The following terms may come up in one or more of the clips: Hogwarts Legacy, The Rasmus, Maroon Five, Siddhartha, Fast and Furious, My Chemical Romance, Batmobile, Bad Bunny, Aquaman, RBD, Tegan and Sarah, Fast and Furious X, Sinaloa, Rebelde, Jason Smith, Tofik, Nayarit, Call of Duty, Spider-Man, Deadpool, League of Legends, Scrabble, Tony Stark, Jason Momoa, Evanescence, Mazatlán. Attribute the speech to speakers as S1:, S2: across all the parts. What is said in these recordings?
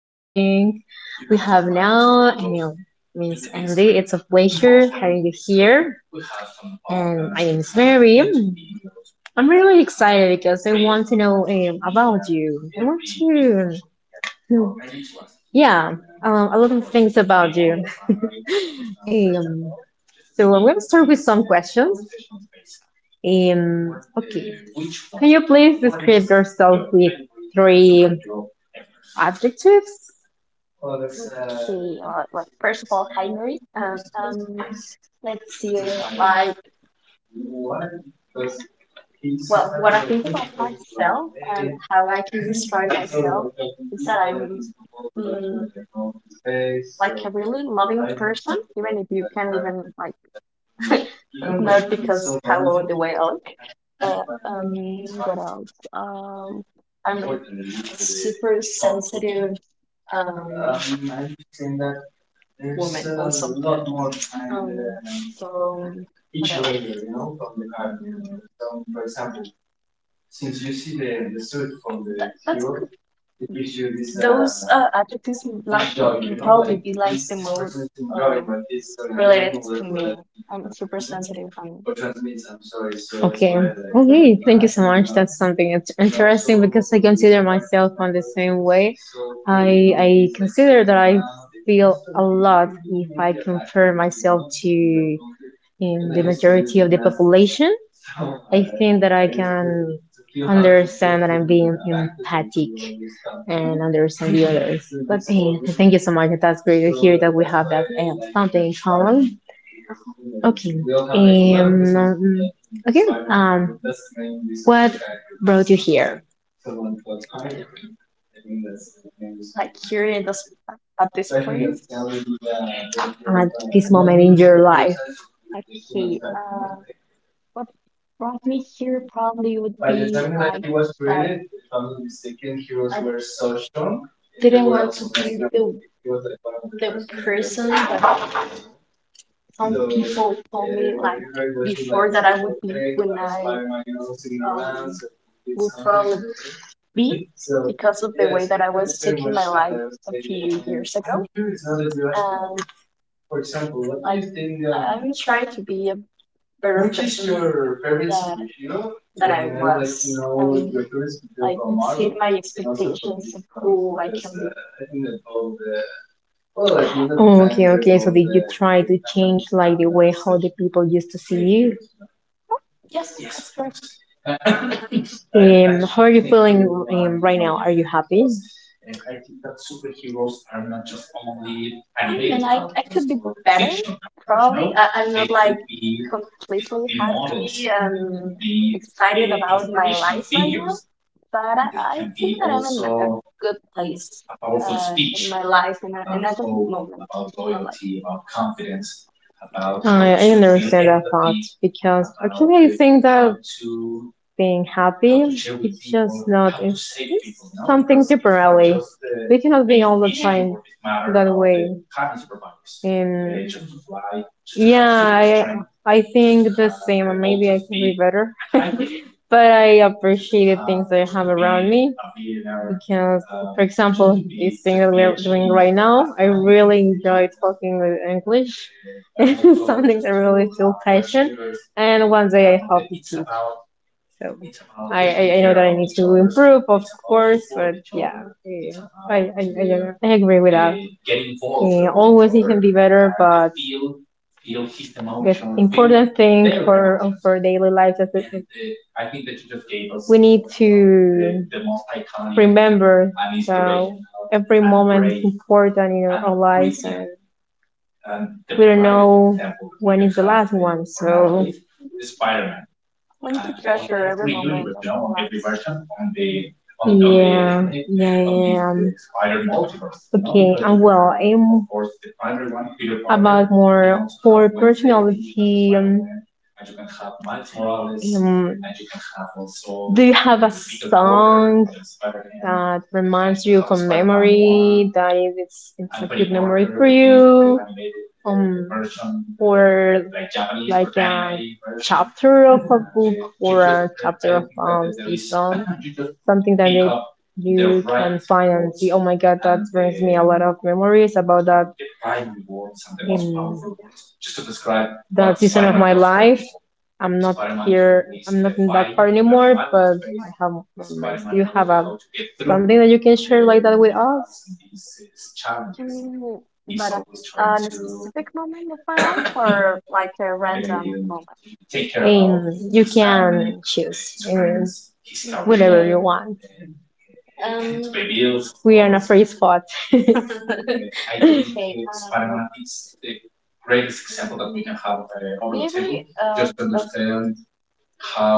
S1: talking. We have now, I know, Miss Andy. It's a pleasure having you here. And my name is Mary. I'm really excited because I want to know about you. I want to, yeah, a lot of things about you. Um, so I'm going to start with some questions. Okay, can you please describe yourself with three adjectives?
S2: Okay, well, first of all, hi Mary. Let's see, like, well, what I think about myself and how I can describe myself is that I'm mm, like a really loving person, even if you can't even like not because how the way I look. Uh, um, what else? I'm a super sensitive um woman also. Um, so what else? Mm, Those are adjectives like will probably be like the more um related to me. I'm super sensitive and.
S1: Okay.
S2: Mhm.
S1: Okay, thank you so much. That's something, it's interesting, because I consider myself on the same way. I consider that I feel a lot if I compare myself to in the majority of the population. I think that I can understand that I'm being empathic and
S2: Mhm.
S1: understand the others. But hey, thank you so much. That's great to hear that we have that something in common. Okay. Um, um, okay. Um, what brought you here
S2: Like here in this, at this place.
S1: at this moment in your life?
S2: Okay, what brought me here probably would be like that I didn't want to be the person that some people told me like before that I would be when I um will probably be because of the way that I was taking my life a few years ago. And like I'm trying to be a better person that that I was and like exceed my expectations of who I can be.
S1: Okay, okay. So did you try to change like the way how the people used to see you?
S2: Oh, yes, that's correct.
S1: How are you feeling right now? Are you happy?
S2: I mean I could be better, probably. I'm not like completely happy and excited about my life right now, but I think that I'm in a good place in my life in other moment in my life.
S1: I understand that thought because actually I think that being happy is just not it's, it's something temporary. We cannot be all the time that way. And yeah, I think the same. Maybe I can be better, but I appreciate the things that I have around me because, for example, this thing that we are doing right now, I really enjoy talking with English some things I really feel passion, and one day I hope it's so I know that I need to improve, of course, but yeah, I agree with that. Always it can be better, but the important thing for daily life is that we need to remember that every moment is important in our lives and we don't know when is the last one, so
S2: When you treasure every moment of your life,
S1: yeah, yeah, yeah. Okay, well, I'm about more for personality. Um, do you have a song that reminds you of a memory that if it's it's a good memory for you? Um, or like a chapter of a book or a chapter of a song. Something that made you can find and see, oh my god, that brings me a lot of memories about that. In that season of my life. I'm not here. I'm not in that part anymore, but I have do you have a, something that you can share like that with us?
S2: Mm, but a specific moment of my life or like a random moment?
S1: And you can choose and whatever you want.
S2: Mm.
S1: We are in a free spot.
S2: Um, okay, mm, maybe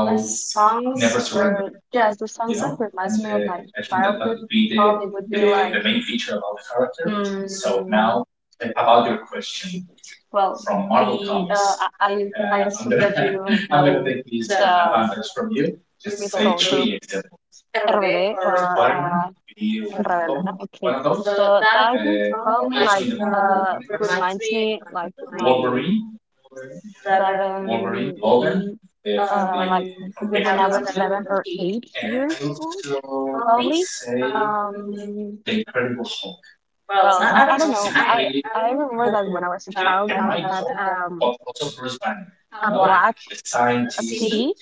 S2: the songs or yes, the songs that reminds me of my childhood probably would be like. Mm, Well, the I assume that you know the um, musical group RBD or Rebelde, no? Okay. So that group probably like reminds me like my seven, eight, like when I was 7 or 8 years old, probably. Um, well, else? I don't know, but I remember that when I was a child, I'd have a black a CD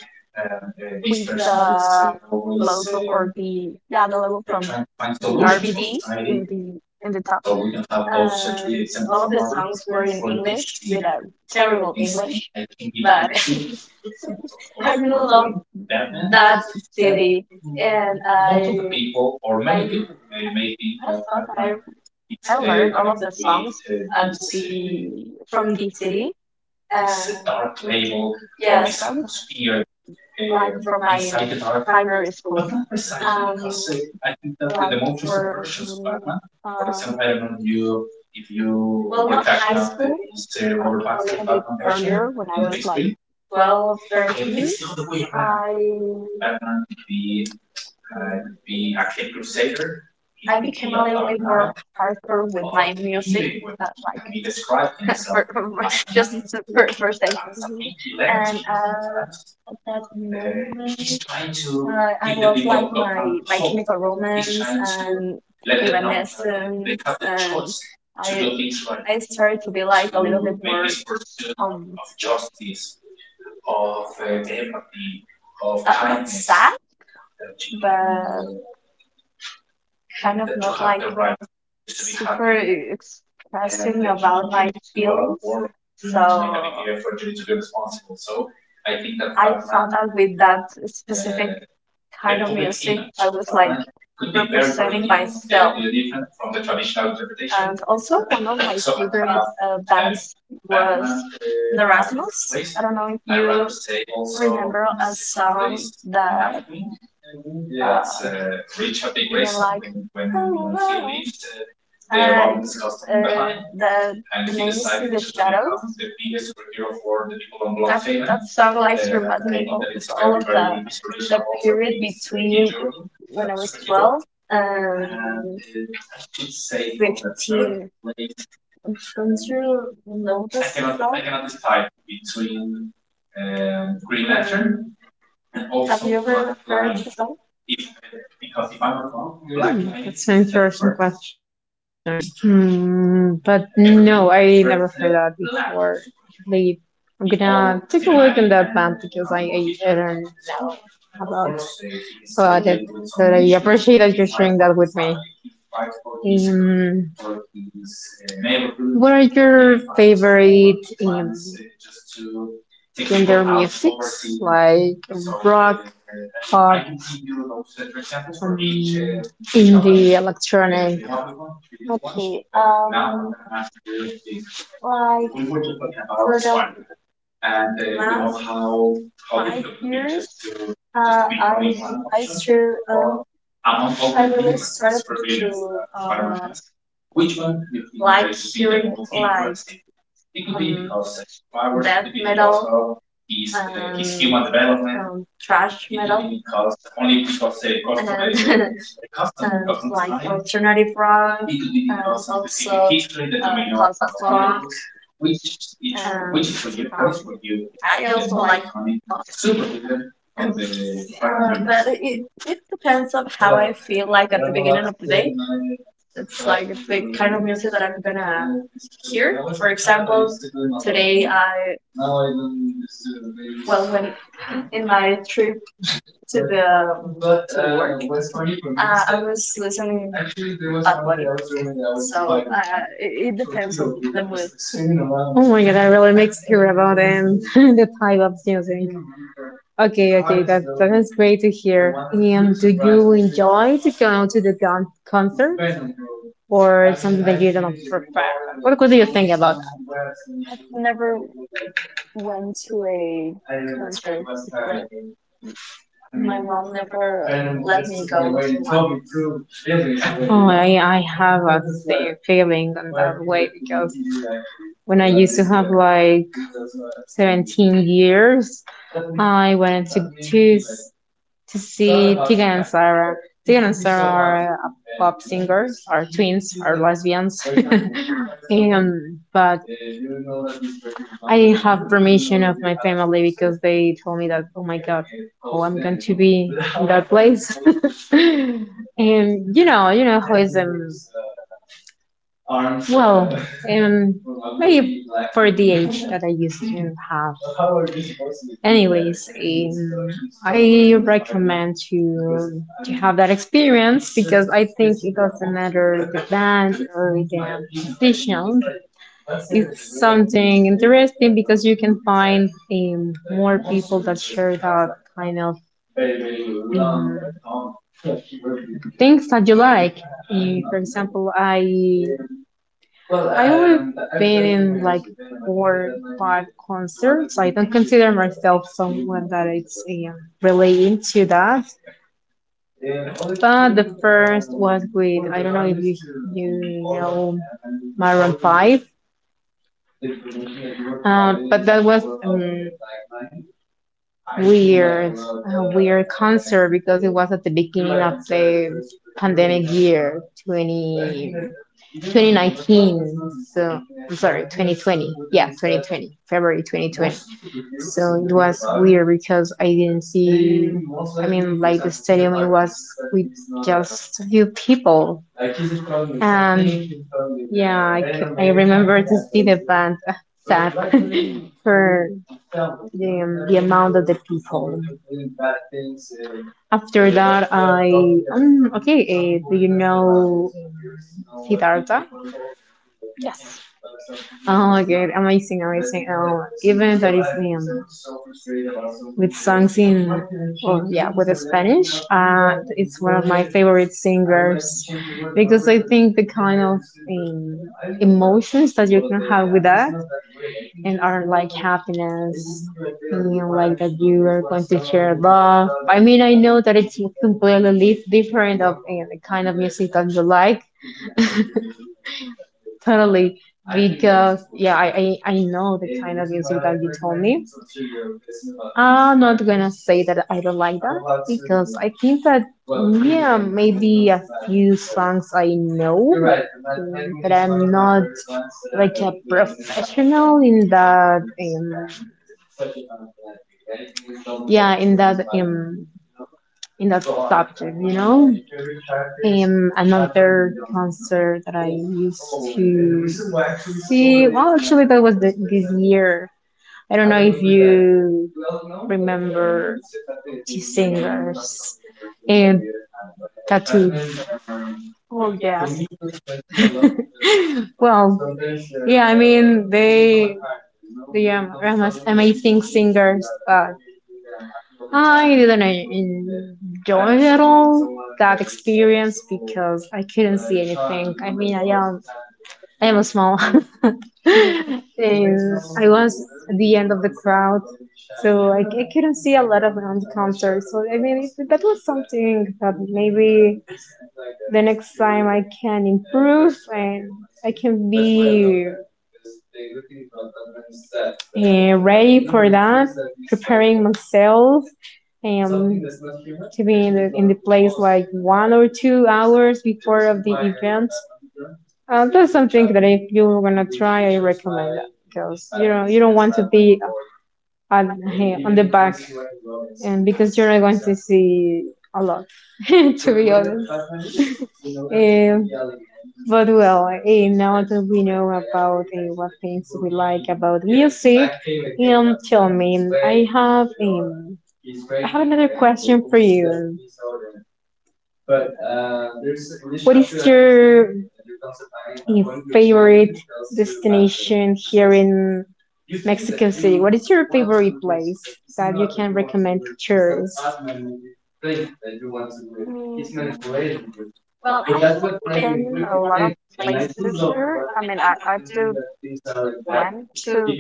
S2: with the logo or the logo from the RBD in the top. Uh, all of the songs were in English with a terrible English, but I really love that city, and I thought that I learned all of the songs at the from the city. Um, yeah, songs like from my primary school. Um, like for mm, uh, well, not high school, like a little bit earlier when I was like 12, 13, I mm, I became a little bit more hardcore with my music, like for just for saying something. And at that moment, I was like My Chemical Romance and Evanescence, and I I started to be like a little bit more um not sad but kind of not like super expressing about my feelings. So I thought that with that specific kind of music, I was like representing myself. And also, one of my favorite bands was The Rasmus. I don't know if you remember a song that uh, even like it's the the name is In the Shadows. That's that song like reminds me all of the period between when I was 12 and 15. Don't you know this song? Um, have you ever heard the song?
S1: That's an interesting question. Hmm, but no, I never heard that before. Actually, I'm gonna take a look on that map because I learned about about it. But I appreciate that you're sharing that with me. Um, what are your favorite um, gender musics like rock, pop, indie, electronic?
S2: Okay. Like for the last 5 years, uh, I I sure um I really started to like hearing live um, death metal and thrash metal and and like alternative rock and also post punk and um, I also like pop. But it depends on how I feel like at the beginning of the day. It's like it's the kind of music that I'm gonna hear. For example, today I well when in my trip to the um, to the work. I was listening Bad Bunny, so it depends on the mood.
S1: Oh my god, I really mixed here about the type of music. Okay, okay, that that is great to hear. And do you enjoy to go to the concert or something that you don't prefer? What do you think about that?
S2: Never went to a concert before. My mom never let me go to one.
S1: Oh, I have a feeling on that way because when I used to have like 17 years, I went to two to see Tegan and Sarah. Tegan and Sarah are pop singers, are twins, are lesbians. And, but I have permission of my family because they told me that, oh my god, oh, I'm going to be in that place. And you know how is well, um, maybe for the age that I used to have. Anyways, I recommend to have that experience because I think it doesn't matter the band or the musician. It's something interesting because you can find more people that share that kind of um, things that you like. For example, I only been in like four, five concerts. I don't consider myself someone that it's really into that. But the first was with, I don't know if you know Maroon Five. But that was weird, a weird concert because it was at the beginning of the pandemic year 20 2019. So, I'm sorry, 2020. Yeah, 2020, February 2020. So it was weird because I didn't see, I mean, like the stadium, it was with just a few people. And yeah, I remember to see the band. Sad for the amount of the people. After that, I okay. Do you know Siddhartha?
S2: Yes.
S1: Oh my god, amazing, amazing. Even that is with songs in, oh yeah, with the Spanish. It's one of my favorite singers because I think the kind of emotions that you can have with that and are like happiness and you know, like that you are going to share love. I mean, I know that it's completely different of the kind of music that you like, totally, because yeah, I know the kind of music that you told me. I'm not gonna say that I don't like that because I think that yeah, maybe a few songs I know, but I'm not like a professional in that. Yeah, in that subject, you know. Another concert that I used to see. Well, actually, that was this year. I don't know if you remember two singers and tattoo.
S2: Oh, yes.
S1: Well, yeah, I mean they are amazing singers, but I didn't enjoy at all that experience because I couldn't see anything. I mean, I am small,
S2: Mhm.
S1: and I was at the end of the crowd, so I couldn't see a lot of concerts. So I mean, it- that was something that maybe the next time I can improve and I can be ready for that, preparing myself um, to be in in the place like 1 or 2 hours before of the event. That's something that if you're gonna try, I recommend that because you don't want to be at, on the back, and because you're not going to see a lot, to be honest. Um, but well, now that we know about what things we like about music, tell me, I have another question for you. But there's in this what is chapter, your favorite destination here in Mexico City? What is your favorite place that you can recommend to tourists? Hmm,
S2: Mm, Well, I've been in a lot of places here. I mean, I I've do went to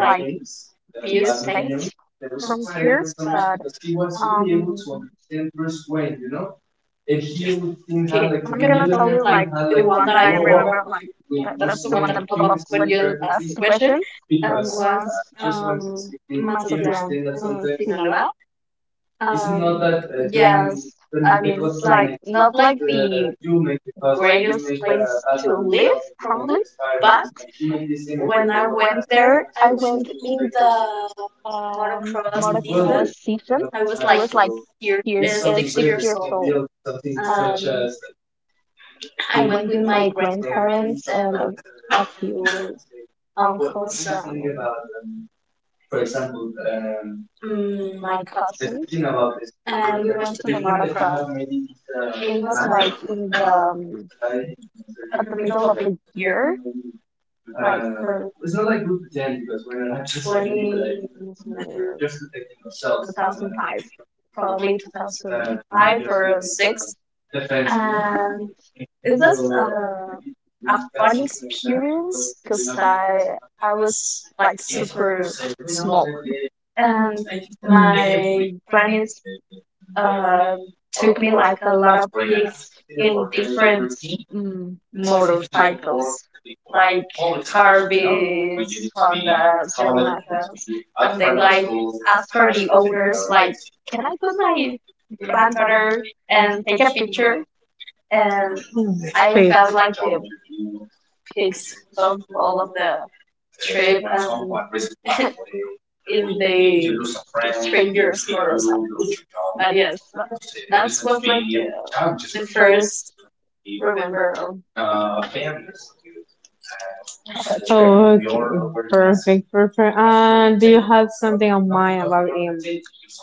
S2: like few states. From here. But um, wait, I'm gonna tell you like the one that I remember, like that's the one that pop up when you ask the question, was Mazatlán, Sinaloa. Um, yes, I mean it's like not like the greatest place to live, probably, but when I went there, I went in the motocross season. I was like 6 years old. Um, I went with my grandparents and a few uncles and my cousins, and we went to the motocross. It was like in the at the middle of the year, like for 20 2005, probably 2005 or 6. And it was a fun experience because I was like super small. And my grannies uh, took me like a lot of gigs in different motorcycles, like Harveys, Hondas, Yamahas, and they like asked for the owners, like, can I put my granddaughter and take a picture? And
S1: I
S2: I
S1: wait.
S2: got
S1: Felt like
S2: like the pics of all of the trip and in the strangers' motor. But yes, that's was like the first remember of okay.
S1: oh, okay. Perfect, perfect. And do you have something in mind about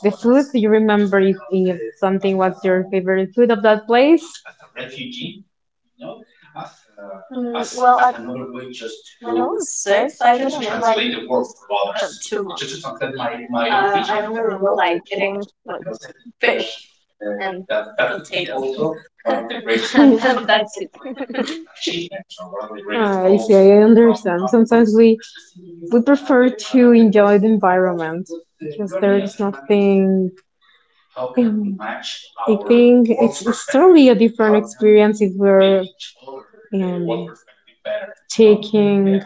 S1: the food? Do you remember if something was your favorite food of that place?
S2: Well, when I was six, I didn't eat like too much. I only remember like eating like fish and potatoes, and that's it.
S1: Ah, I see, I understand. Sometimes we prefer to enjoy the environment because there is nothing. I think it's totally a different experience if we're um, taking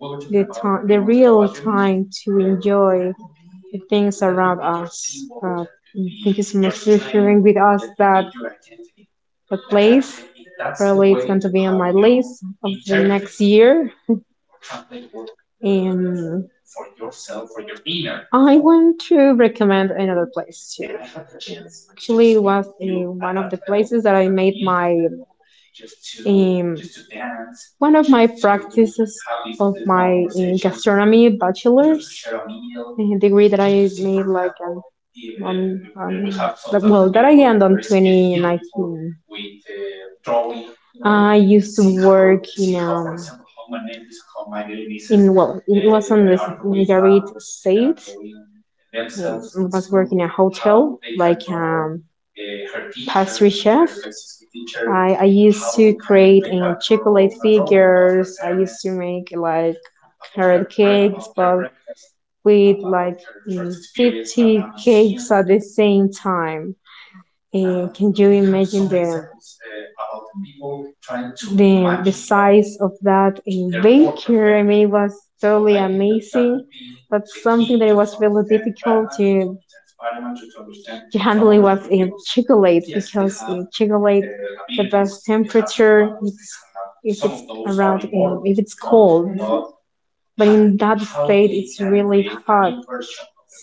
S1: the time, the real time to enjoy the things around us. Thank you so much for sharing with us that the place. Probably it's going to be on my list of the next year. And I want to recommend another place too. Actually, it was one of the places that I made my um, one of my practices of my gastronomy bachelor's degree that I made like on that, well that I ended on 2019. I used to work in well it was on the Nayarit state. I was working in a hotel like pastry chef. I used to create and chocolate figures. I used to make like carrot cakes, but with like 50 cakes at the same time. Can you imagine the size of that baker? I mean, it was totally amazing, but something that was really difficult to handle it was chocolate, because chocolate, the best temperature it's if it's around if it's cold, but in that state it's really hard,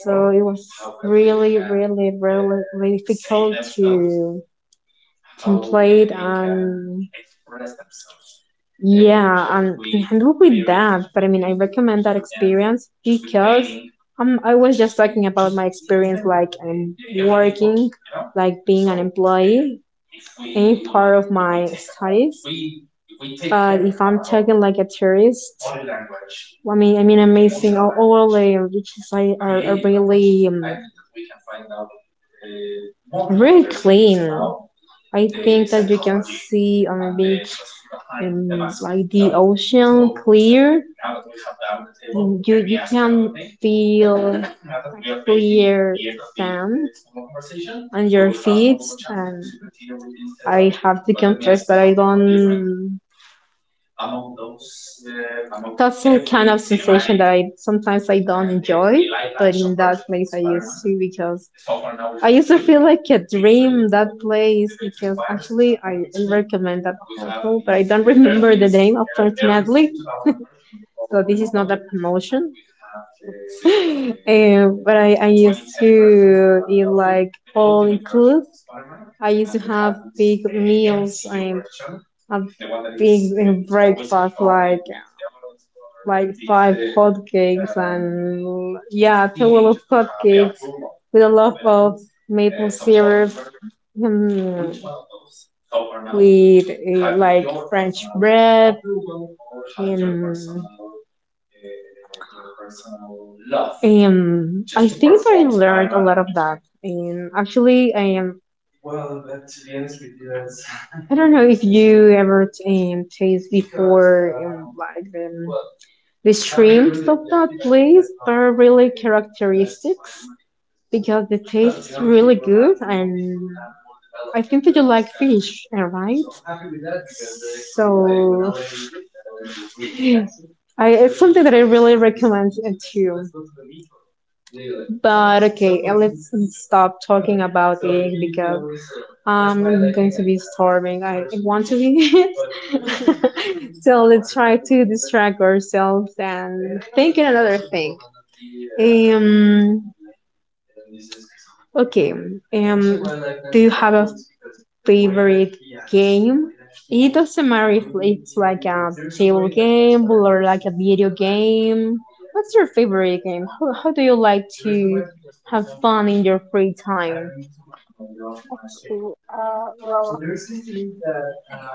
S1: so it was really really really really difficult to template and yeah, and can with that. But I mean, I recommend that experience because I was just talking about my experience, like I'm working, like being an employee, any part of my studies. But if I'm talking like a tourist, I mean, amazing. All the riches I are really, really clean. I think that you can see on the beach um, like the ocean clear. You can feel clear sand on your feet, and I have to confess that I don't that's a kind of sensation that I sometimes I don't enjoy, but in that software place I used spider to because I used to feel like a dream that place because actually I recommend that hotel, but I don't remember the name, unfortunately. So this is not a promotion. But I used to eat like all include. I used to big meals and a big breakfast like five hotcakes and, yeah, two little hotcakes with a lot of maple syrup, mm, with like French bread and, I think I learned a lot of that. And actually, I am I don't know if you ever taste before like the shrimps of that place. They're really characteristics because it tastes really good, and I think that you like fish, right? So I, it's something that I really recommend to you. But okay, let's stop talking about it because I'm going to be starving. I want to be. So let's try to distract ourselves and think in another thing. Um, Okay. Um, do you have a favorite game? It doesn't matter if it's like a table game or like a video game. What's your favorite game? How do you like to have fun in your free time?
S2: Well,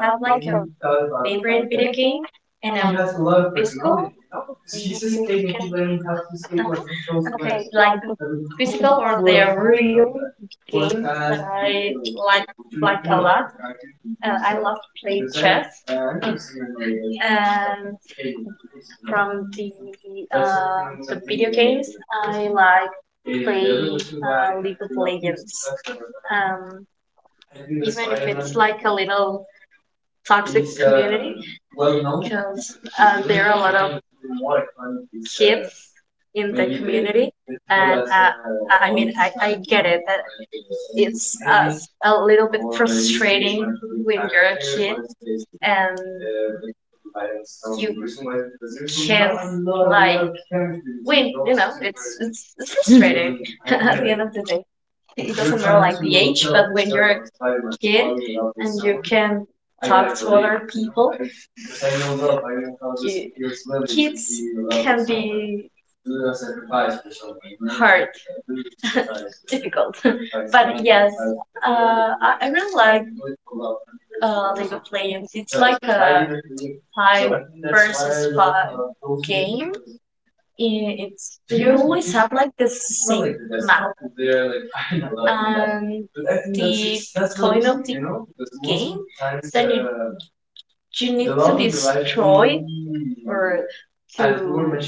S2: I have like a favorite video game and a physical. If you can, okay, like the physical or the real game that I like a lot. I love to play chess, and from the video games, I like play League of Legends. Um, Even if it's like a little toxic community, because there are a lot of kids
S1: In
S2: in
S1: the
S2: the
S1: community.
S2: community, and I mean, I get it. It's a little bit frustrating when you're a kid and you can't like when you know it's frustrating at the end of the day. It doesn't matter like the age, but when you're a kid and you can talk to other people, you, kids can be hard, difficult. But yes, uh, I really like League of Legends. It's like a five versus five game. It's you always have like this same map. Um, the point of the game, so you need to destroy or to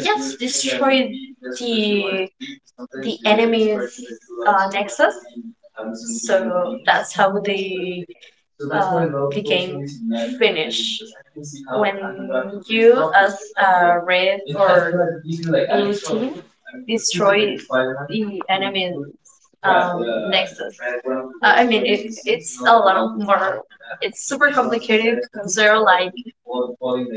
S2: yes, destroy the the enemy's nexus. So that's how the game finished. When you as a red or blue team destroy the enemy's nexus, I mean it's a lot of more. It's super complicated because there are like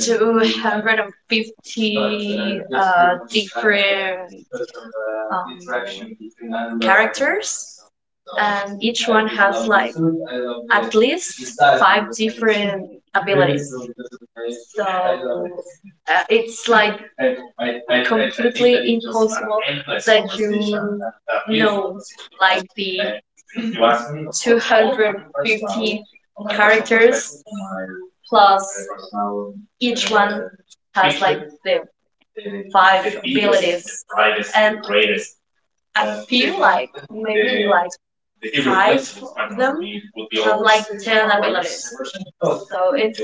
S2: 250 different um, characters, and each one has like at least five different abilities. So it's like completely impossible that you know like the 250 characters plus each one has like the five abilities. And do you like maybe like five of them have like 10 abilities. So it's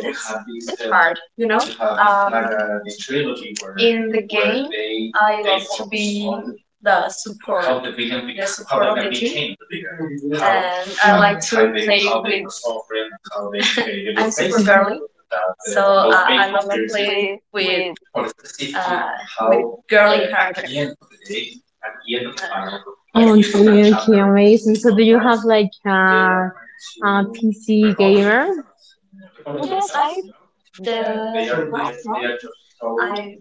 S2: hard, you know? Um, in the game, I love to be the support, the support of the team. And I like to play with, I'm super girly. So I love to play uh, with girly characters. Uh,
S1: Oh,
S2: yes.
S1: it's really amazing. So, do you have like a PC gamer?
S2: Because I, the last month, I,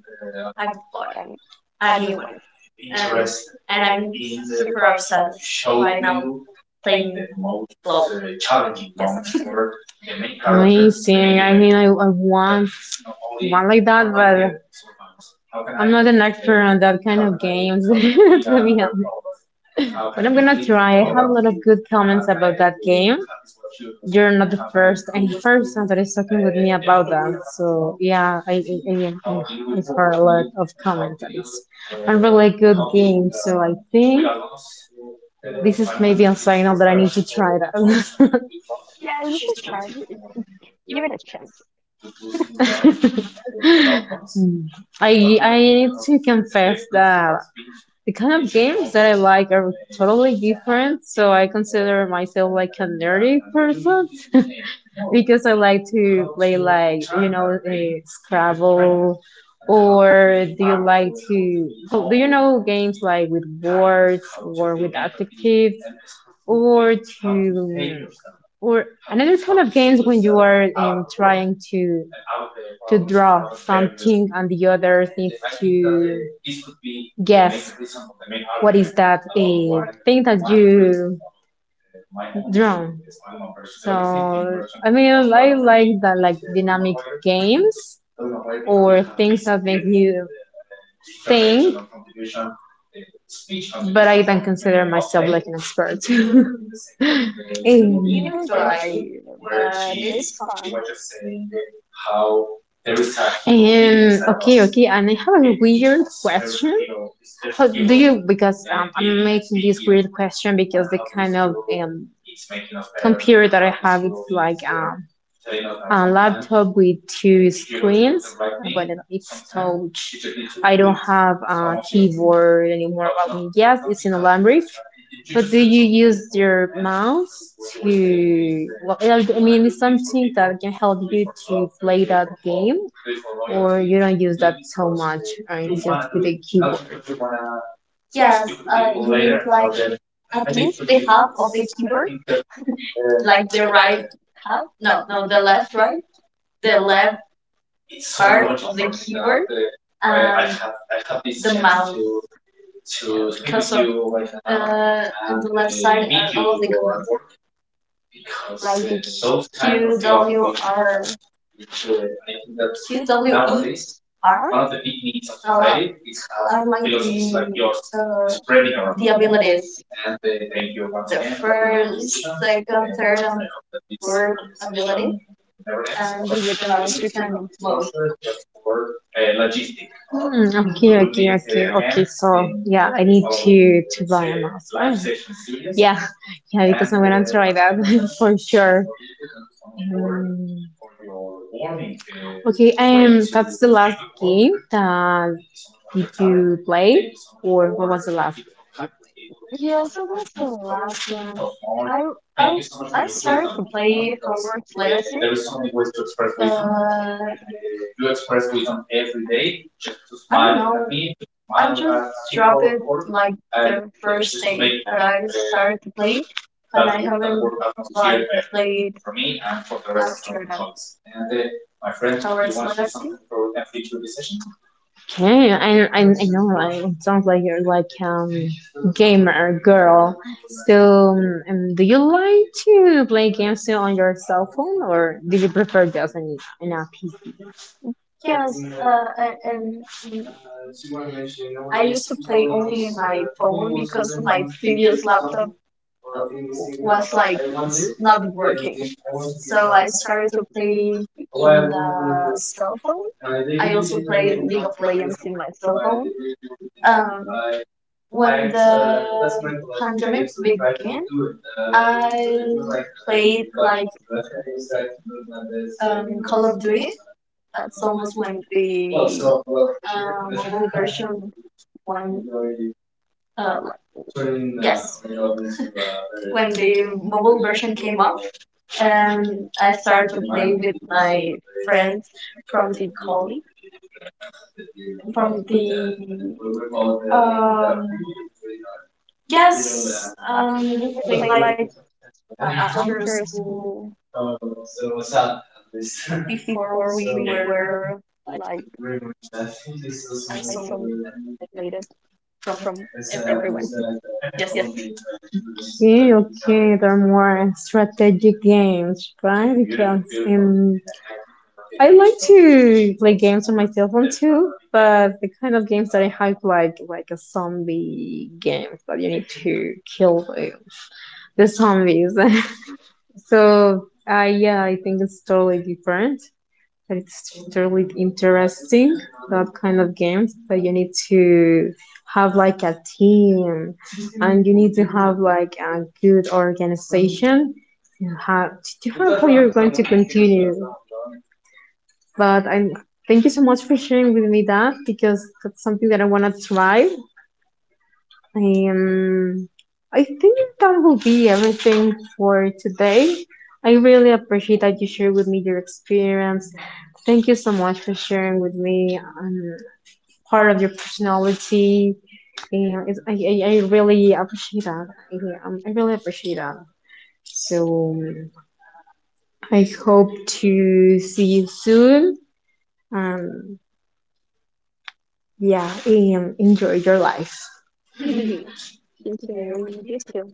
S2: I bought a new one. And, I'm super obsessed right now playing LOL.
S1: Amazing. I mean, I want one like that, but I'm not an expert on that kind of games, to be honest. But I'm gonna try. I have a lot of good comments about that game. You're not the first and person that is talking with me about that. So yeah, I've heard a lot of comments. And It's a really good game. So I think this is maybe a signal that I need to try that.
S2: Yeah, you should try it. Give it a chance.
S1: I need to confess that the kind of games that I like are totally different. So I consider myself like a nerdy person because I like to play like, you know, a Scrabble, or do you like to, so do you know games like with words or with adjectives, or to or another it is of games when you are trying to draw something and the other thing to guess what is that thing that you drawn. So I mean, I like that, like dynamic games or things that make you think, but I don't consider myself like an expert. Um,
S2: Neither do I, but it's fun.
S1: Um, okay, and I have a weird question. How do you? Because I'm making this weird question because the kind of um, computer that I have, it's like, a laptop with two screens, but it's touch. I don't have a keyboard anymore. I mean, yes, it's inalambric, but do you use your mouse to? Well, I mean, it's something that can help you to play that game, or you don't use that so much, or it's just with a keyboard.
S2: Yeah, you need like at least the half of the keyboard, like the right half. No, no, the left, right, the left side of the keyboard, and the mouse also uh, on the left side of the keyboard, like the Q W R Q W E R I'm like uh, the abilities. So first, second, third, and fourth ability, and with the most you can move.
S1: Okay, okay. So yeah, I need to buy a mouse. Oh, yeah, yeah. Because I'm gonna try that for sure. Mm, okay, that's the last game that did you play, or what was the last?
S2: Yeah, so that's the last one. I I started to play Hogwarts Legacy, but I don't know. I just dropped it like the first day that I started to play, and I haven't like played after that Hogwarts Legacy.
S1: Hey, I know it sounds like you're like gamer girl. So, do you like to play games still on your cell phone, or do you prefer just an app?
S2: Yes, and. I used to play only in my phone because my previous laptop was like not working. So I started to play in the cell phone. I also play League of Legends in my cell phone. Um, when the pandemic began, I played like Call of Duty. That's almost when the mobile version one like, yes, when the mobile version came up. And I started to play with my friends from the college, from the, uh, yes, we play like after school before we were like isolated from everyone. Yes.
S1: Okay, okay, they're more strategic games, right? Because I like to play games on my cell phone too, but the kind of games that I hype like a zombie games that you need to kill like the zombies. So yeah, I think it's totally different, but it's totally interesting that kind of games. But you need to have like a team, and you need to have like a good organization. You have to have how you're going to continue. But I thank you so much for sharing with me that because that's something that I want to try. um, I think that will be everything for today. I really appreciate that you shared with me your experience. Thank you so much for sharing with me, part of your personality. And it's, I really appreciate that. I really appreciate that. So, I hope to see you soon. Um, yeah, enjoy your life.
S2: Thank you, Melanie. You too.